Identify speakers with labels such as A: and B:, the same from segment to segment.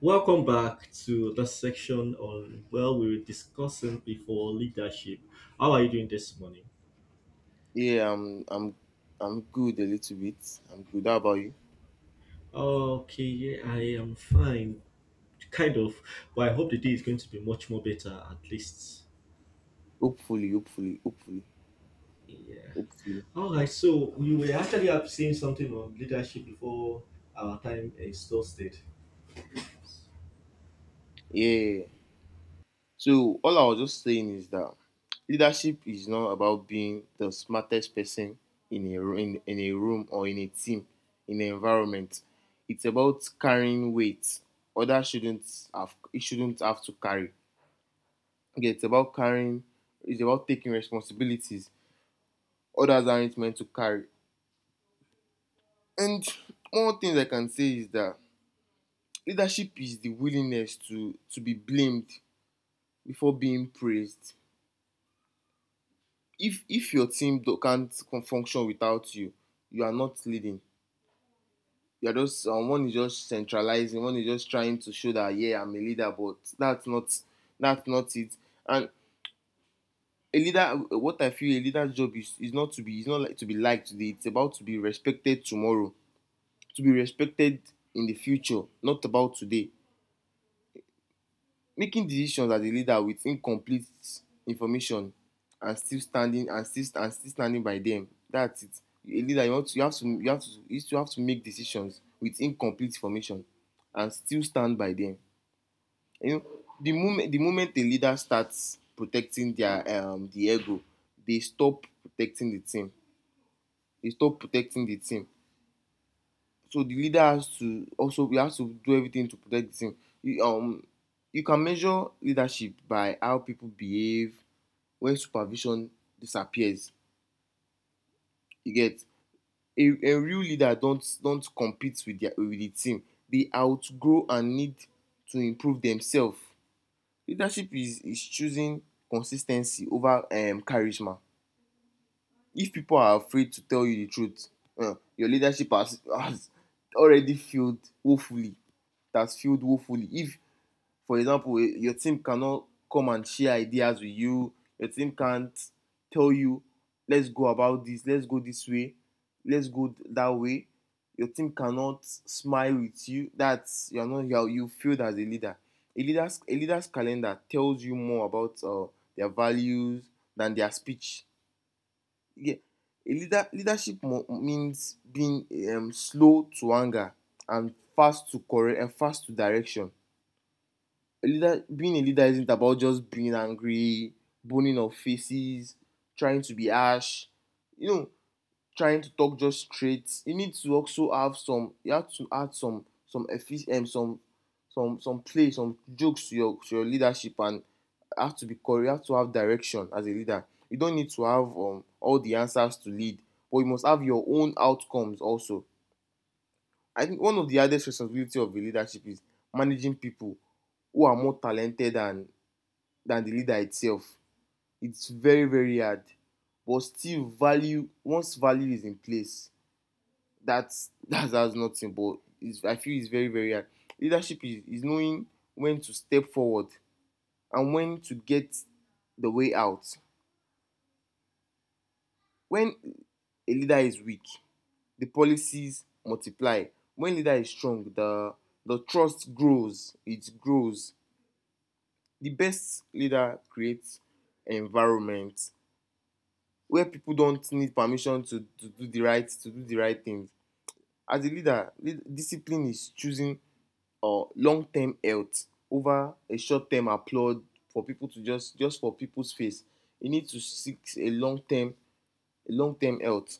A: Welcome back to the section on we were discussing before leadership. How are you doing this morning?
B: Yeah, I'm good a little bit. I'm good. How about you?
A: Okay, yeah, I am fine, kind of, but I hope the day is going to be much more better at least.
B: Hopefully, hopefully, hopefully,
A: Yeah.
B: hopefully.
A: All right. So we were actually up saying something on leadership before our time exhausted.
B: Yeah. So all I was just saying is that leadership is not about being the smartest person in in a room or in a team, in an environment. It's about carrying weight. Others shouldn't have to carry. Okay, it's about carrying it's about taking responsibilities others aren't meant to carry. And one thing I can say is that leadership is the willingness to be blamed before being praised. If your team can't function without you, you are not leading, you are just one is just centralizing, one is just trying to show that, yeah, I'm a leader, but that's not it. And a leader, what I feel a leader's job is not like to be liked today, it's about to be respected tomorrow, to be respected in the future, not about today. Making decisions as a leader with incomplete information and still standing by them, that's it. A leader, you want to you have to you have to you still have to make decisions with incomplete information and still stand by them, you know. The moment a leader starts protecting the ego, they stop protecting the team, they stop protecting the team. So the leader has to also, we have to do everything to protect the team. You, you can measure leadership by how people behave when supervision disappears. You get, a real leader don't compete with their with the team. They outgrow and need to improve themselves. Leadership is choosing consis ten cy over charisma. If people are afraid to tell you the truth, your leadership has already failed woefully. It has failed woefully if, for example, your team cannot come and share ideas with you, your team can't tell you, let's go about this, let's go this way, let's go that way, your team cannot smile with you, that's you're not you're you failed as a leader. A leader's calendar tells you more about their values than their speech, yeah. A leadership means being slow to anger and fast to correct and fast to direction. A leader, being a leader isn't about just being angry, burning of faces, trying to be harsh. You know, trying to talk just straight, you need to also have some you have to add some play, some jokes to your leadership, and have to be correct, you have to have direction as a leader. You don't need to have all the answers to lead, but you must have your own outcomes also. I think one of the hardest responsibility of the leadership is managing people who are more talented than the leader itself. It's very very hard, but still value, once value is in place, that's that's nothing, but it's, I feel it's very very hard. Leadership is knowing when to step forward and when to get the way out. When a leader is weak, the policies multiply. When leader is strong, the trust grows, it grows. The best leader creates an environment where people don't need permission to to do the right things. As a leader, lead, discipline is choosing or long-term health over a short-term applaud, for people to just for people's face. You need to seek a long-term health.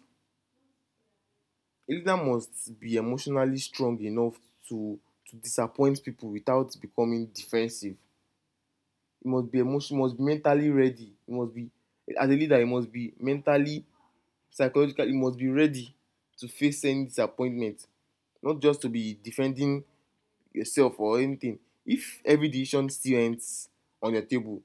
B: A leader must be emotionally strong enough to disappoint people without becoming defensive. He must be emotion must be mentally ready. He must be, as a leader, he must be mentally, psychologically, he must be ready to face any disappointment. Not just to be defending yourself or anything. If every decision still ends on your table,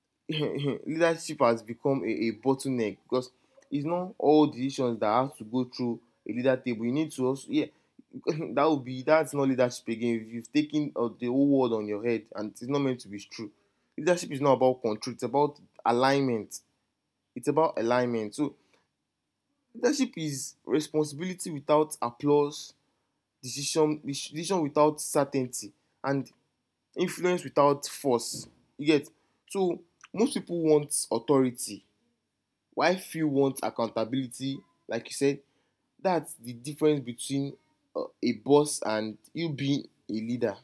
B: leadership has become a bottleneck, because it's not all decisions that have to go through a leader table. You need to also, yeah. That would be, that's not leadership again if you've taken the whole world on your head and it's not meant to be true. Leadership is not about control, it's about alignment, it's about alignment. So leadership is responsibility without applause, decision without certainty, and influence without force, you get. So most people want authority, why few want accountability, like you said. That's the difference between a boss and you being a leader.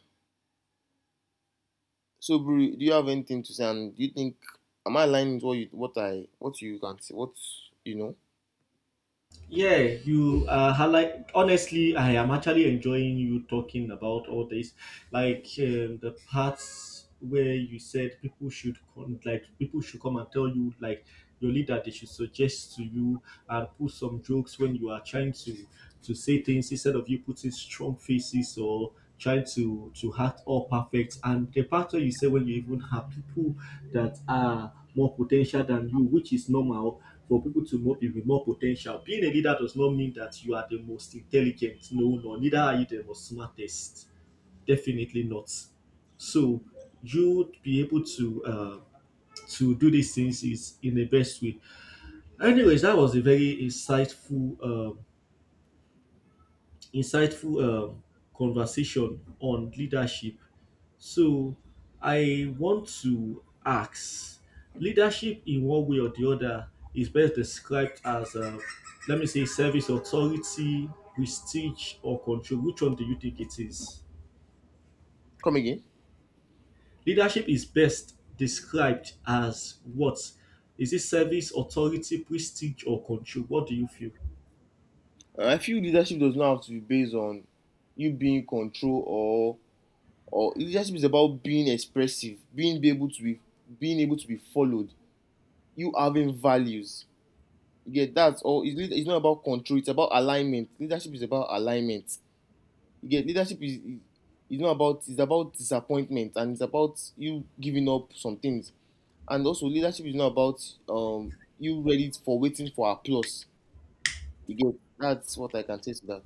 B: So Bru, do you have anything to say, and do you think am I aligning with what you can say, what you know.
A: Yeah, you highlight honestly I am actually enjoying you talking about all this, like the parts where you said people should like people should come and tell you, like your leader they should suggest to you and put some jokes when you are trying to say things instead of you putting strong faces or trying to act all perfect, and the part where you say when you even have people that are more potential than you, which is normal for people to move you with more potential. Being a leader does not mean that you are the most intelligent. No, no, neither are you the most smartest. Definitely not. So you be able to do these things is in the best way. Anyways, that was a very insightful insightful um, conversation on leadership. So I want to ask, leadership in one way or the other is best described as, let me say, service, authority, prestige, or control. Which one do you think it is?
B: Come again.
A: Leadership is best described as what? Is it service, authority, prestige, or control? What do you feel?
B: I feel leadership does not have to be based on you being in control, or leadership is about being expressive being be able to be being able to be followed, you having values. You get that? It's not about control. It's about alignment. Leadership is about alignment. You get, leadership is, it's not about it's about disappointment and it's about you giving up some things. And also leadership is not about you ready for waiting for applause. You get, that's what I can say to that.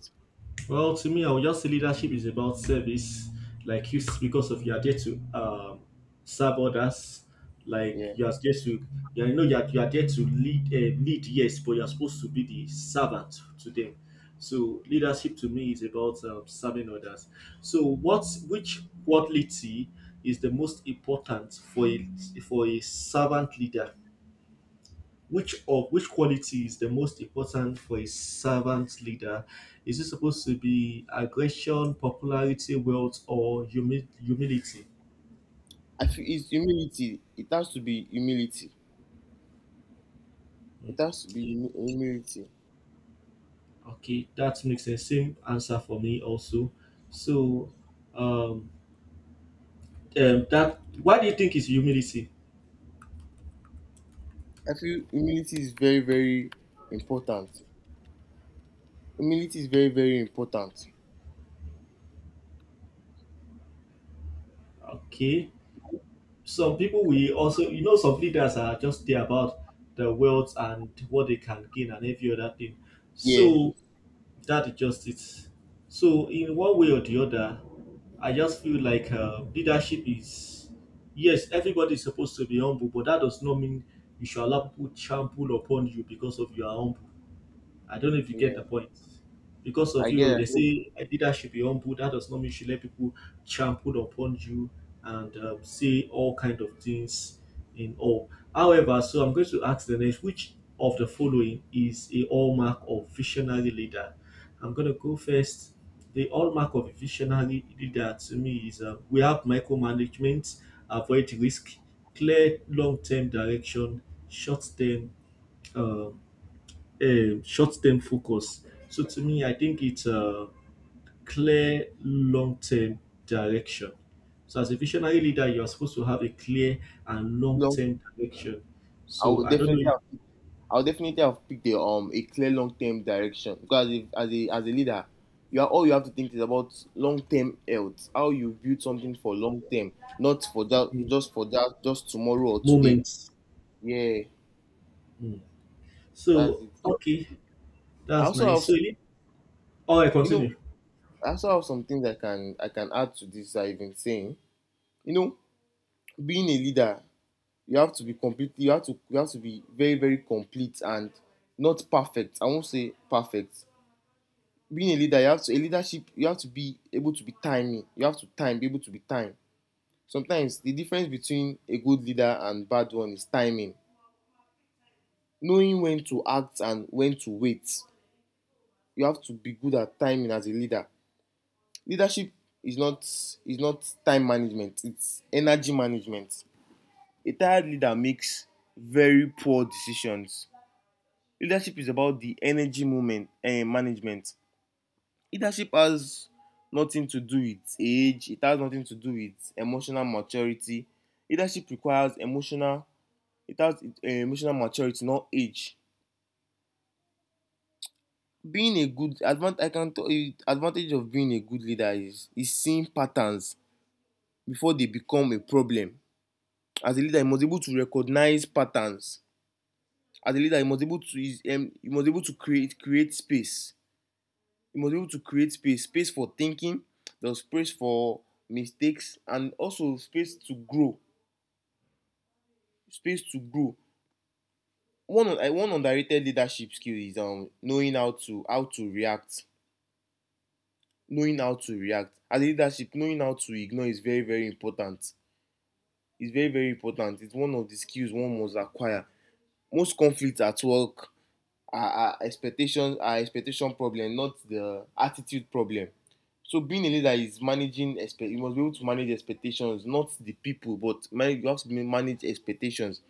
A: Well, to me, I would just say leadership is about service. Like you, because of you are there to serve others. Like
B: Yeah,
A: you are there to, you know, you are there to lead, lead yes, but you are supposed to be the servant to them. So leadership to me is about serving others. So which quality is the most important for a servant leader? Which of which quality is the most important for a servant leader? Is it supposed to be aggression, popularity, wealth, or humility?
B: I feel it's humility. It has to be humility. It has to be humility.
A: Okay, that makes the same answer for me also. So, um, that why do you think is humility?
B: I feel humility is very very important. Humility is very very important.
A: Okay, some people we also, you know, some leaders are just there about the wealth and what they can gain and every other thing.
B: Yeah,
A: So that it, so, in one way or the other, I just feel like leadership is, yes, everybody is supposed to be humble, but that does not mean you should allow people trample upon you because of your humble. I don't know if you get
B: yeah.
A: the point. Because of
B: I get
A: you, they
B: it.
A: say a leader should be humble. That does not mean you should let people trample upon you and say all kind of things in all. However, so I'm going to ask the next, which of the following is a hallmark of visionary leader? I'm going to go first. The hallmark of a visionary leader to me is, we have micromanagement, avoid risk, clear long-term direction, short-term um, short-term focus. So to me, I think it's a clear long-term direction. So as a visionary leader, you are supposed to have a clear and
B: Long,
A: long-term direction.
B: I
A: So
B: would
A: I don't know
B: definitely
A: if,
B: have, I would definitely have picked a clear long term direction, because if, as a leader, you are all you have to think is about long term health, how you build something for long term, not
A: mm,
B: for that just tomorrow or today.
A: moments.
B: Yeah,
A: Mm.
B: that's
A: So
B: it.
A: okay,
B: I
A: that's
B: also have
A: nice. So
B: some-
A: you- all right,
B: you know,
A: continue.
B: I also have some things I can add to this I've been saying. You know, being a leader you have to be complete. You have to be very very complete and not perfect, I won't say perfect. Being a leader you have to, a leadership you have to be able to be timing, you have to time be able to be time. Sometimes the difference between a good leader and bad one is timing, knowing when to act and when to wait. You have to be good at timing as a leader. Leadership is not is not time management, it's energy management. A tired leader makes very poor decisions. Leadership is about the energy movement and management. Leadership has nothing to do with age, it has nothing to do with emotional maturity. Leadership requires emotional it has emotional maturity, not age. Being a good advantage I can tell you advantage of being a good leader is seeing patterns before they become a problem. As a leader, you must be able to recognize patterns. As a leader, you must be able to is you must be able to create space, you must be able to create space, space for thinking, the space for mistakes, and also space to grow, space to grow. One one underrated leadership skill is, knowing how to react knowing how to react as a leadership, knowing how to ignore is very very important. It's very very important, it's one of the skills one must acquire. Most conflict at work are expectations, are expectation problem, not the attitude problem. So being a leader is managing expect you must be able to manage expectations, not the people, but manage you have to manage expectations.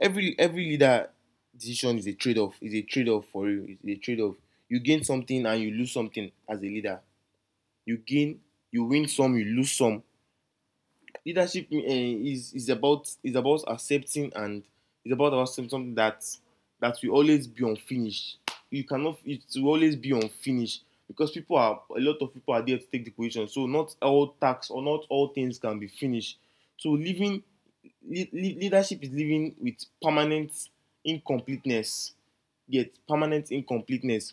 B: Every leader decision is a trade-off, is a trade-off for you, is a trade-off. You gain something and you lose something. As a leader, you gain you win some, you lose some. Leadership is about, is about accepting, and it's about accepting something that will always be unfinished. You cannot it will always be unfinished because people are a lot of people are there to take the position. So not all tasks, or not all things can be finished. So living leadership is living with permanent incompleteness. Yet permanent incompleteness,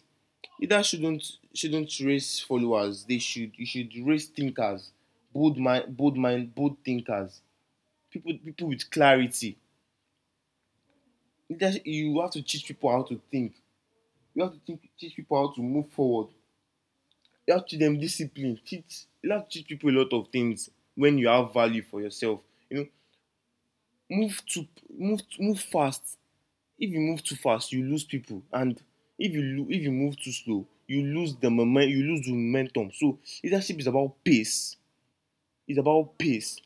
B: leaders shouldn't raise followers they should you should raise thinkers, bold mind, bold thinkers, people with clarity. Leadership, you have to teach people how to think, you have teach people how to move forward, you have to teach them discipline, teach you have to teach people a lot of things when you have value for yourself, you know. move to move fast. If you move too fast, you lose people, and if you, if you move too slow, you lose the moment, you lose the momentum. So leadership is about pace. It's about pace.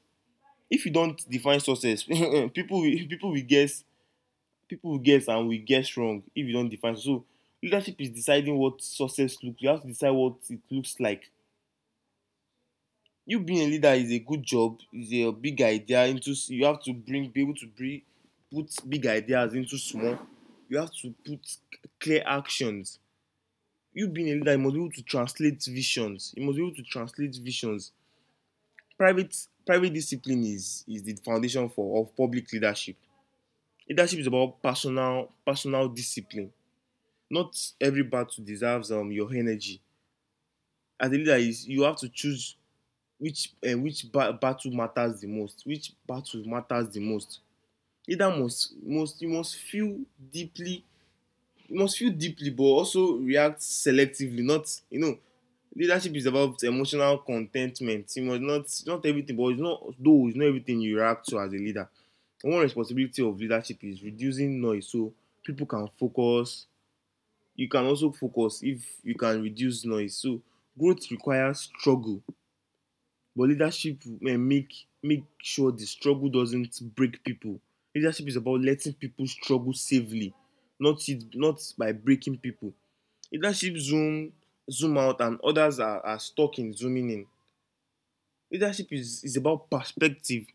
B: If you don't define success, people will guess, people will guess and will guess wrong if you don't define. So leadership is deciding what success looks. You have to decide what it looks like. You being a leader is a good job. Is a big idea into. You have to bring be able to bring put big ideas into small. You have to put clear actions. You being a leader, you must be able to translate visions. You must be able to translate visions. Private discipline is the foundation for of public leadership. Leadership is about personal discipline. Not every battle deserves your energy. As a leader, is you have to choose which battle matters the most. Which battle matters the most. Leader must feel deeply. You must feel deeply, but also react selectively. Not. Leadership is about emotional contentment. You must not everything, but it's not everything you react to as a leader. One responsibility of leadership is reducing noise, so people can focus. You can also focus if you can reduce noise. So growth requires struggle, but leadership may make sure the struggle doesn't break people. Leadership is about letting people struggle safely, not by breaking people. Leadership zoom out, and others are stuck in zooming in. Leadership is about perspective.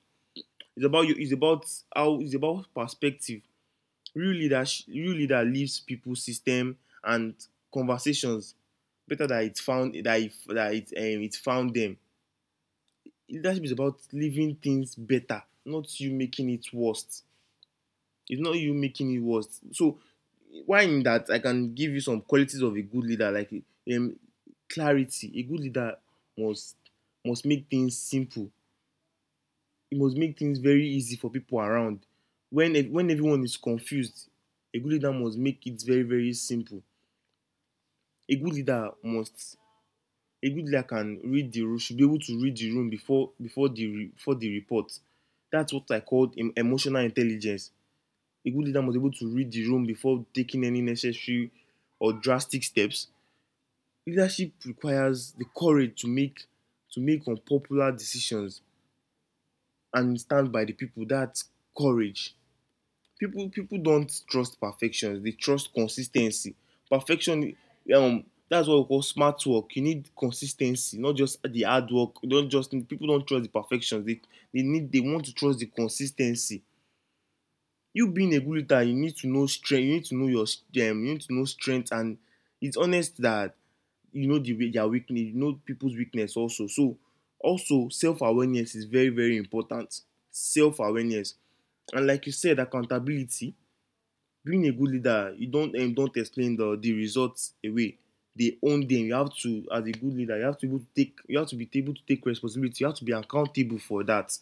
B: It's about you. It's about how. It's about perspective. Real leader leaves people, system, and conversations better than it found that it, it found them. Leadership is about leaving things better, not you making it worse. It's not you making it worse. So why in that, I can give you some qualities of a good leader, like um, clarity. A good leader must must make things simple. It must make things very easy for people around. When everyone is confused, a good leader must make it very, very simple. A good leader must a good leader can read the room, should be able to read the room before the report. That's what I call emotional intelligence. A good leader must be able to read the room before taking any necessary or drastic steps. Leadership requires the courage to make, to make unpopular decisions and stand by the people. That's courage. People don't trust perfection. They trust consis ten cy. Perfection. That's what we call smart work. You need consis ten cy, not just the hard work. You don't just need, people don't trust the perfection. They need, they want to trust the consis ten cy. You being a good leader, you need to know strength. You need to know your, you need to know strength. And it's honest that you know the way their weakness. You know people's weakness also. So also, self awareness is very, very important. Self awareness. And, like you said, accountability. Being a good leader, you don't, don't explain the results away. They own them. You have to, as a good leader, you have to be able to take responsibility. You have to be accountable for that.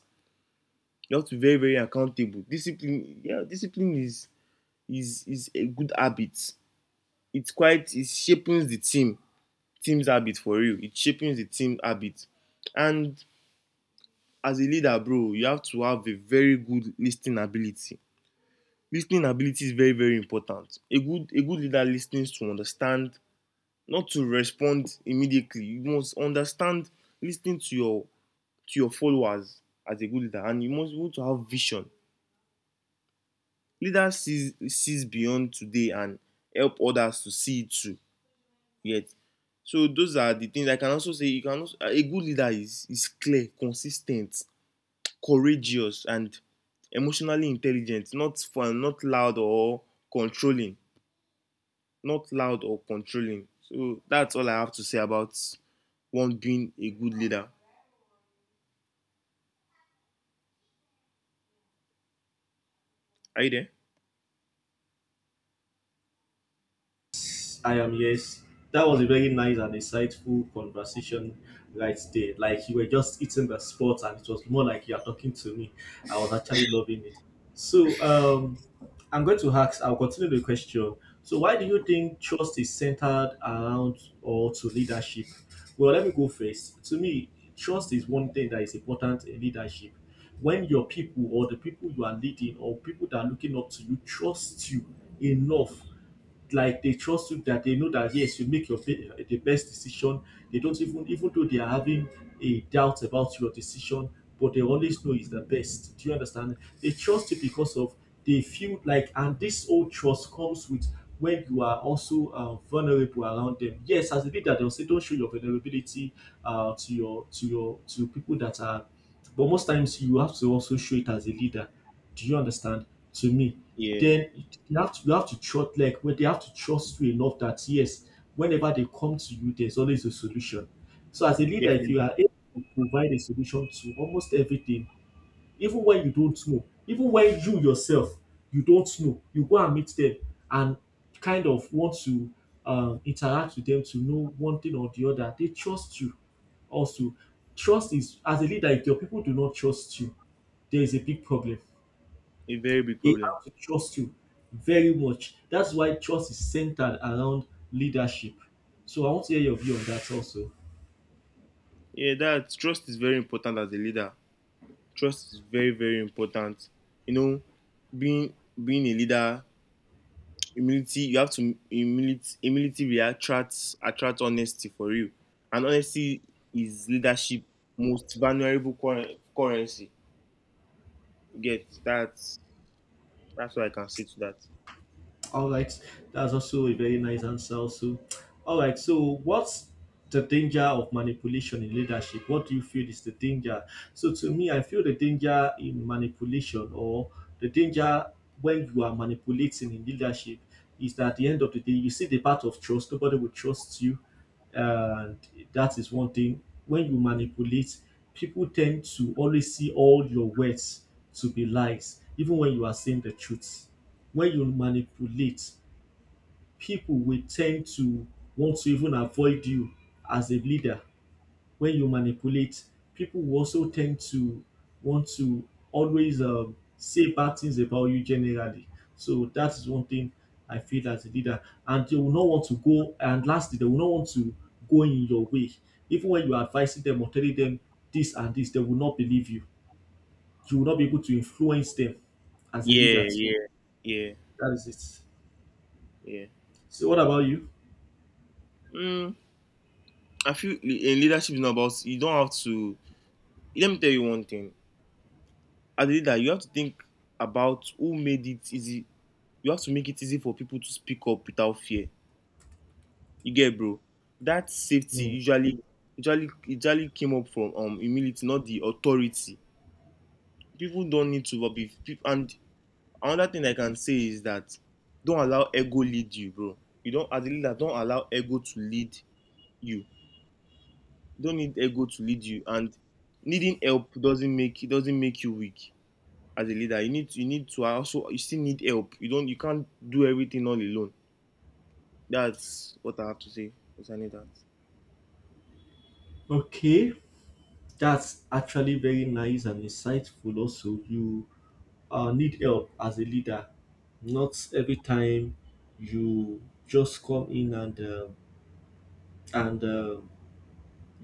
B: You have to be very, very accountable. Discipline, yeah, discipline is a good habit. It's quite it shaping the team, team's habit for you. It shaping the team habit. And as a leader, bro, you have to have a very good listening ability. Listening ability is very, very important. A good leader listens to understand, not to respond immediately. You must understand, listening to your, to your followers. As a good leader, and you must be able to have vision. Leader sees beyond today and help others to see it too. Yet, so those are the things I can also say. You can also, a good leader is clear, consistent, courageous, and emotionally intelligent. Not fun, not loud or controlling. Not loud or controlling. So that's all I have to say about one being a good leader. Are you there?
A: I am, yes. That was a very nice and insightful conversation right there. Like you were just eating the spot and it was more like you are talking to me. I was actually loving it. So I'm going to ask, I'll continue the question. So why do you think trust is centered around or to leadership? Well, let me go first. To me, trust is one thing that is important in leadership. When your people, or the people you are leading, or people that are looking up to you trust you enough, like they trust you that they know that yes, you make your the best decision. They don't even, even though they are having a doubt about your decision, but they always know is the best. Do you understand? They trust you because of, they feel like, and this whole trust comes with when you are also vulnerable around them. Yes, as a leader, they'll say don't show your vulnerability to your to people that are, but most times you have to also show it as a leader. Do you understand? To me,
B: Yeah.
A: then you have to, you have to trust, like when they have to trust you enough that yes, whenever they come to you, there's always a solution. So as a leader, if
B: Definitely.
A: you are able to provide a solution to almost everything, even when you don't know, even when you yourself you don't know, you go and meet them and kind of want to interact with them to know one thing or the other. They trust you also. Trust is, as a leader, if your people do not trust you, there is a big problem.
B: A very big
A: They
B: problem.
A: have to trust you very much. That's why trust is centered around leadership. So I want to hear your view on that also.
B: Yeah, that trust is very important as a leader. Trust is very, very important. You know, being being a leader, humility, you have to humility will attract honesty for you. And honesty is leadership most valuable currency. You get. That's what I can say to that.
A: All right, that's also a very nice answer. Also, all right. So, what's the danger of manipulation in leadership? What do you feel is the danger? So, to me, I feel the danger in manipulation, or the danger when you are manipulating in leadership is that at the end of the day, you see the part of trust. Nobody will trust you, and that is one thing. When you manipulate, people tend to always see all your words to be lies, even when you are saying the truth. When you manipulate, pipo will ten d to want to even avoid you as a leader. When you manipulate, people will also tend to want to always say bad things about you generally. So that is one thing I feel as a leader. And they will not want to go, and lastly, they will not want to go in your way even when you are advising them or telling them this and this. They will not believe you. You will not be able to influence them as a leader
B: Yeah,
A: too.
B: yeah, yeah,
A: That is it.
B: yeah.
A: So what about you?
B: Mm, I feel leadership is not about, you don't have to, let me tell you one thing. As a leader, you have to think about who made it easy. You have to make it easy for people to speak up without fear. You get, bro. That safety
A: Hmm.
B: usually came up from humility, not the authority. People don't need to be people. And another thing I can say is that, don't allow ego lead you, bro. You don't, as a leader, don't allow ego to lead you. Don't need ego to lead you. And needing help doesn't make you weak. As a leader, you still need help. You can't do everything all alone. That's what I have to say because I need that.
A: Okay, that's actually very nice and insightful. Also, you need help as a leader. Not every time you just come in and and uh,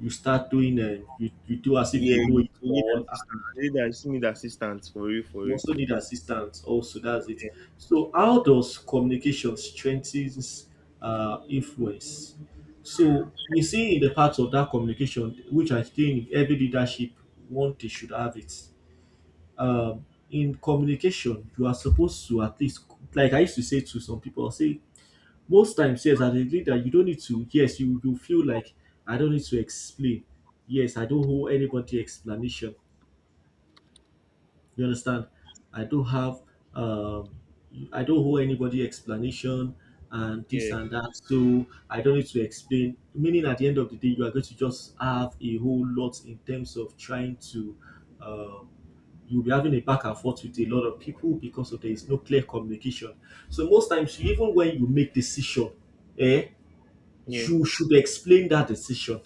A: you start doing you do as if
B: Yeah,
A: you know
B: you
A: it
B: need
A: all. And
B: assistance as a leader. You still need assistance for you, for
A: you
B: you.
A: also need assistance. Also, that's it. So, how does communication strengthens influence? So, you see, in the part of that communication, which I think every leadership one they should have it, um, in communication, you are supposed to at least, like I used to say to some people, I'll say, most times, yes, I agree that you don't need to, yes, you feel like I don't need to explain. Yes, I don't owe anybody explanation. You understand? I don't have, um, I don't owe anybody explanation and
B: Yeah,
A: this and that. So I don't need to explain. Meaning, at the end of the day, you are going to just have a whole lot in terms of trying to. Um, you'll be having a back and forth with a lot of people because of there is no clear communication. So most times, even when you make decision, eh,
B: yeah,
A: you should explain that decision.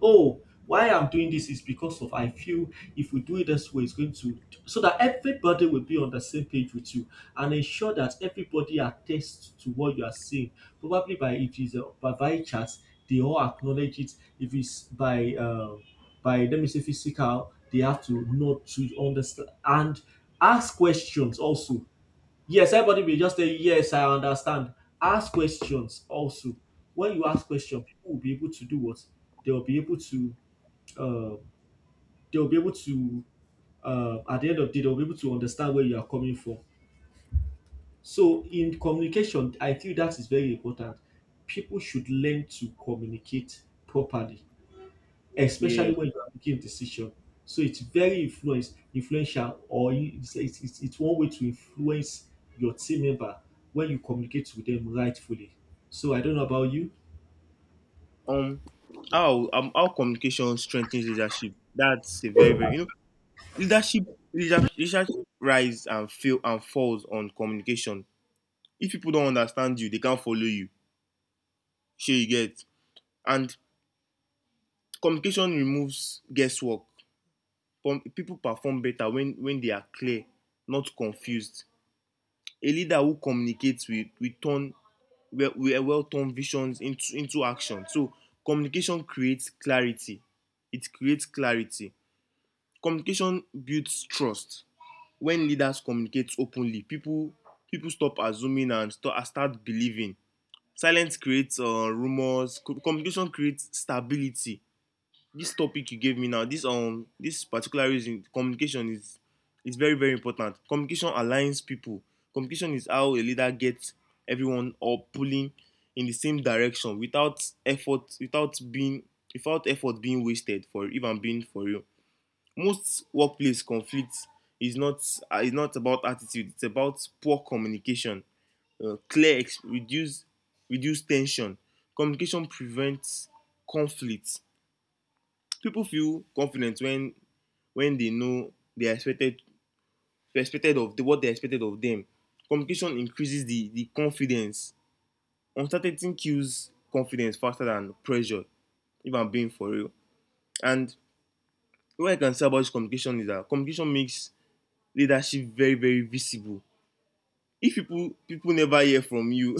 A: Oh, why I'm doing this is because of I feel if we do it this way it's going to, so that everybody will be on the same page with you and ensure that everybody attests to what you are saying, probably by, if it's a by via chat, they all acknowledge it. If it's by let me say physical, they have to know to understand and ask questions also. Yes, everybody will just say, yes, I understand. Ask questions also. When you ask questions, people will be able to do what? They will be able to, uh, they will be able to, at the end of the day, they'll be able to understand where you are coming from. So, in communication, I feel that is very important. People should learn to communicate properly,
B: yeah, yeah.
A: especially when you are making a decision. So it's very influence influential, or it's one way to influence your team member when you communicate with them rightfully. So I don't know about you.
B: um how how communication strengthens leadership. That's a very, very. leadership leadership rise and fail and falls on communication. If people don't understand you, they can't follow you. Sure, you get. And communication removes guesswork. People perform better when they are clear, not confused. A leader who communicates will turn will well turn visions into action. So communication creates clarity. It creates clarity. Communication builds trust. When leaders communicate openly, people stop assuming and start believing. Silence creates rumors. Communication creates stability. This topic you gave me now, this this particular reason, communication is very, very important. Communication aligns people. Communication is how a leader gets everyone all pulling in the same direction without effort, without effort being wasted. For if I'm being for real, most workplace conflicts is not is not about attitude. It's about poor communication. Clear, reduce tension. Communication prevents conflict. People feel confident when they know they are expected, what they expected of them. Communication increases the confidence. Uncertainty kills confidence faster than pressure. If I'm being for real, and what I can say about this communication is that communication makes leadership very, very visible. If people never hear from you,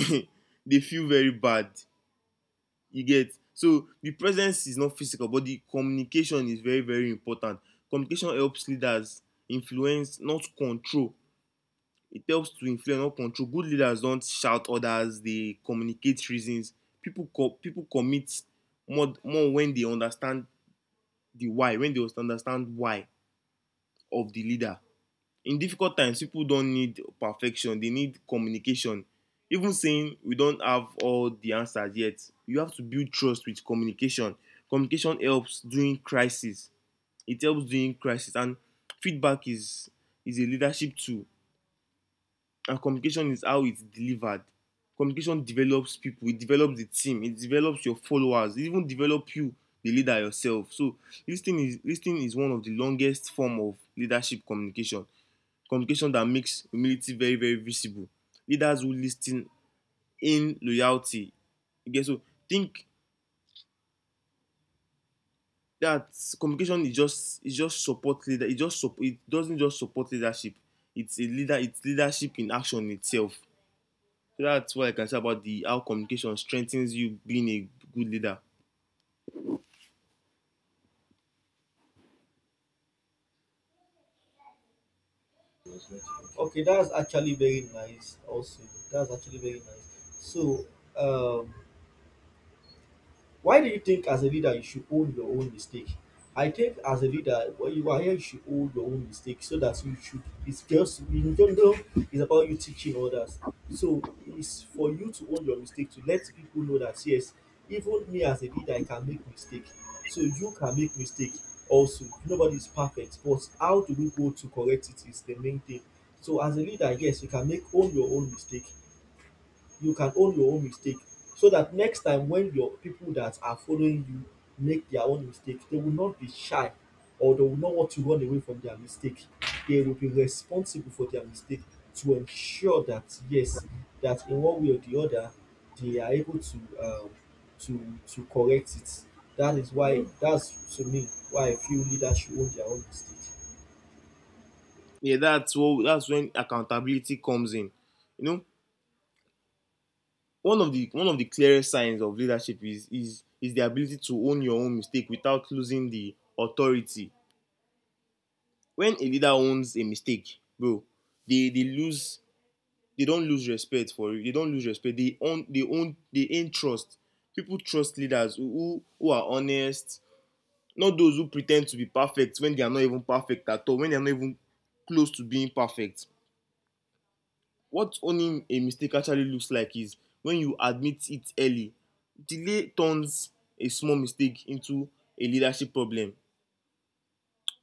B: they feel very bad. You get. So the presence is not physical, but the communication is very, very important. Communication helps leaders influence, not control. It helps to influence, not control. Good leaders don't shout orders. They communicate reasons. People people commit more when they understand the why, when they understand why of the leader. In difficult times, people don't need perfection. They need communication. Even saying we don't have all the answers yet, you have to build trust with communication. Communication helps during crisis. It helps during crisis. And feedback is a leadership tool, and communication is how it's delivered. Communication develops people. It develops the team. It develops your followers. It even develops you, the leader yourself. So lis ten is one of the longest form of leadership communication. Communication that makes humility very, very visible. Leaders who listen in loyalty. Okay, so think that communication is just support leader it just it doesn't just support leadership. It's leadership in action itself. So that's what I can say about the how communication strengthens you being a good leader.
A: Okay, that's actually very nice. Also, that's actually very nice. So, um, why do you think as a leader you should own your own mistake? I think as a leader, when you are here, you should own your own mistake so that you should. It's just in general, it's about you teaching others. So it's for you to own your mistake to let people know that yes, even me as a leader, I can make mistake. So you can make mistake also. Nobody is perfect, but how do we go to correct it is the main thing. So as a leader, yes, you can make own your own mistake, you can own your own mistake so that next time when your people that are following you make their own mistake, they will not be shy or they will not want to run away from their mistake. They will be responsible for their mistake to ensure that yes, that in one way or the other, they are able to correct it. That is why, that's to me why I feel leaders should own their own mistake.
B: Yeah, that's when accountability comes in. You know, one of the clearest signs of leadership is the ability to own your own mistake without losing the authority. When a leader owns a mistake, bro, they they lose they don lose respect, for real. They don lose respect. They own trust. People trust leaders who are honest, not those who pre ten d to be perfect when they are not even perfect at all, when they are not even close to being perfect. What owning a mistake actually looks like is when you admit it early. Delay turns a small mistake into a leadership problem.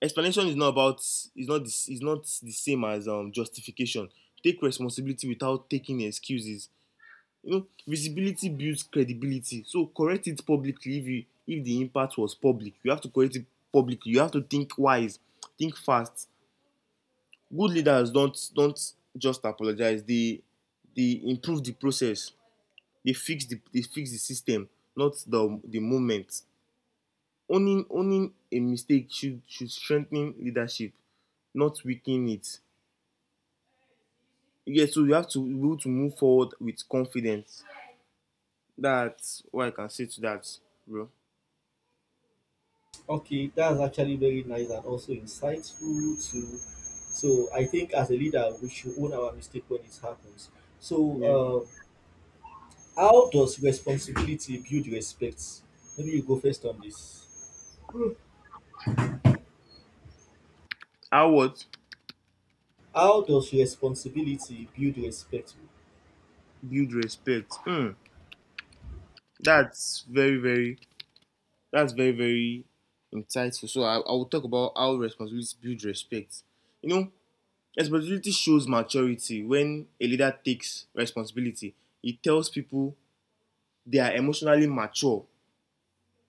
B: Explanation is not the same as justification. Take responsibility without taking excuses. You know, visibility builds credibility. So correct it publicly. If the impact was public, you have to correct it publicly. You have to think wise, think fast. Good leaders don't just apologize. They improve the process. They fix the system, not the moment. Owning a mistake should strengthen leadership, not weaken it. Yeah, so you have to be able to move forward with confidence. That's what I can say to that, bro.
A: Okay, that's actually very nice and also insightful too. So I think as a leader, we should own our mistake when it happens. So,
B: Yeah.
A: how does responsibility build respect? Maybe you go first on this.
B: How what?
A: How does responsibility build respect?
B: Build respect? Hmm. That's very very that's very, very insightful. So I will talk about how responsibility builds respect. You know, responsibility shows maturity. When a leader takes responsibility, it tells people they are emotionally mature.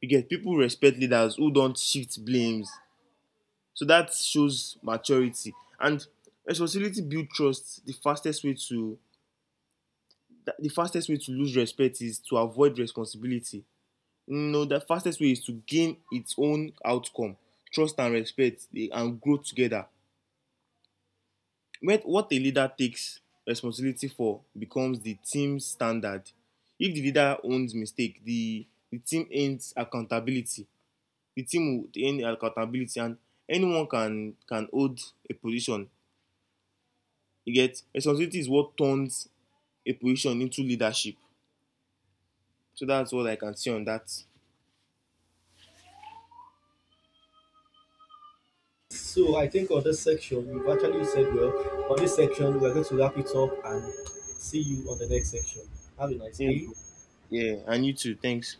B: You get. People respect leaders who don't shift blames. So that shows maturity. And responsibility builds trust. The fastest way to lose respect is to avoid responsibility. No, the fastest way is to gain its own outcome. Trust and respect dey and grow together. When what a leader takes responsibility for becomes the team standard. If the leader owns mistake, the team ends accountability. The team would earn accountability. And anyone can hold a position. You get. Responsibility is what turns a position into leadership. So that's what I can see on that.
A: So I think on this section, you've actually said well. On this section, we're going to wrap it up and see you on the next section. Have a nice
B: Yeah,
A: day.
B: bro. Yeah, and you too. Thanks.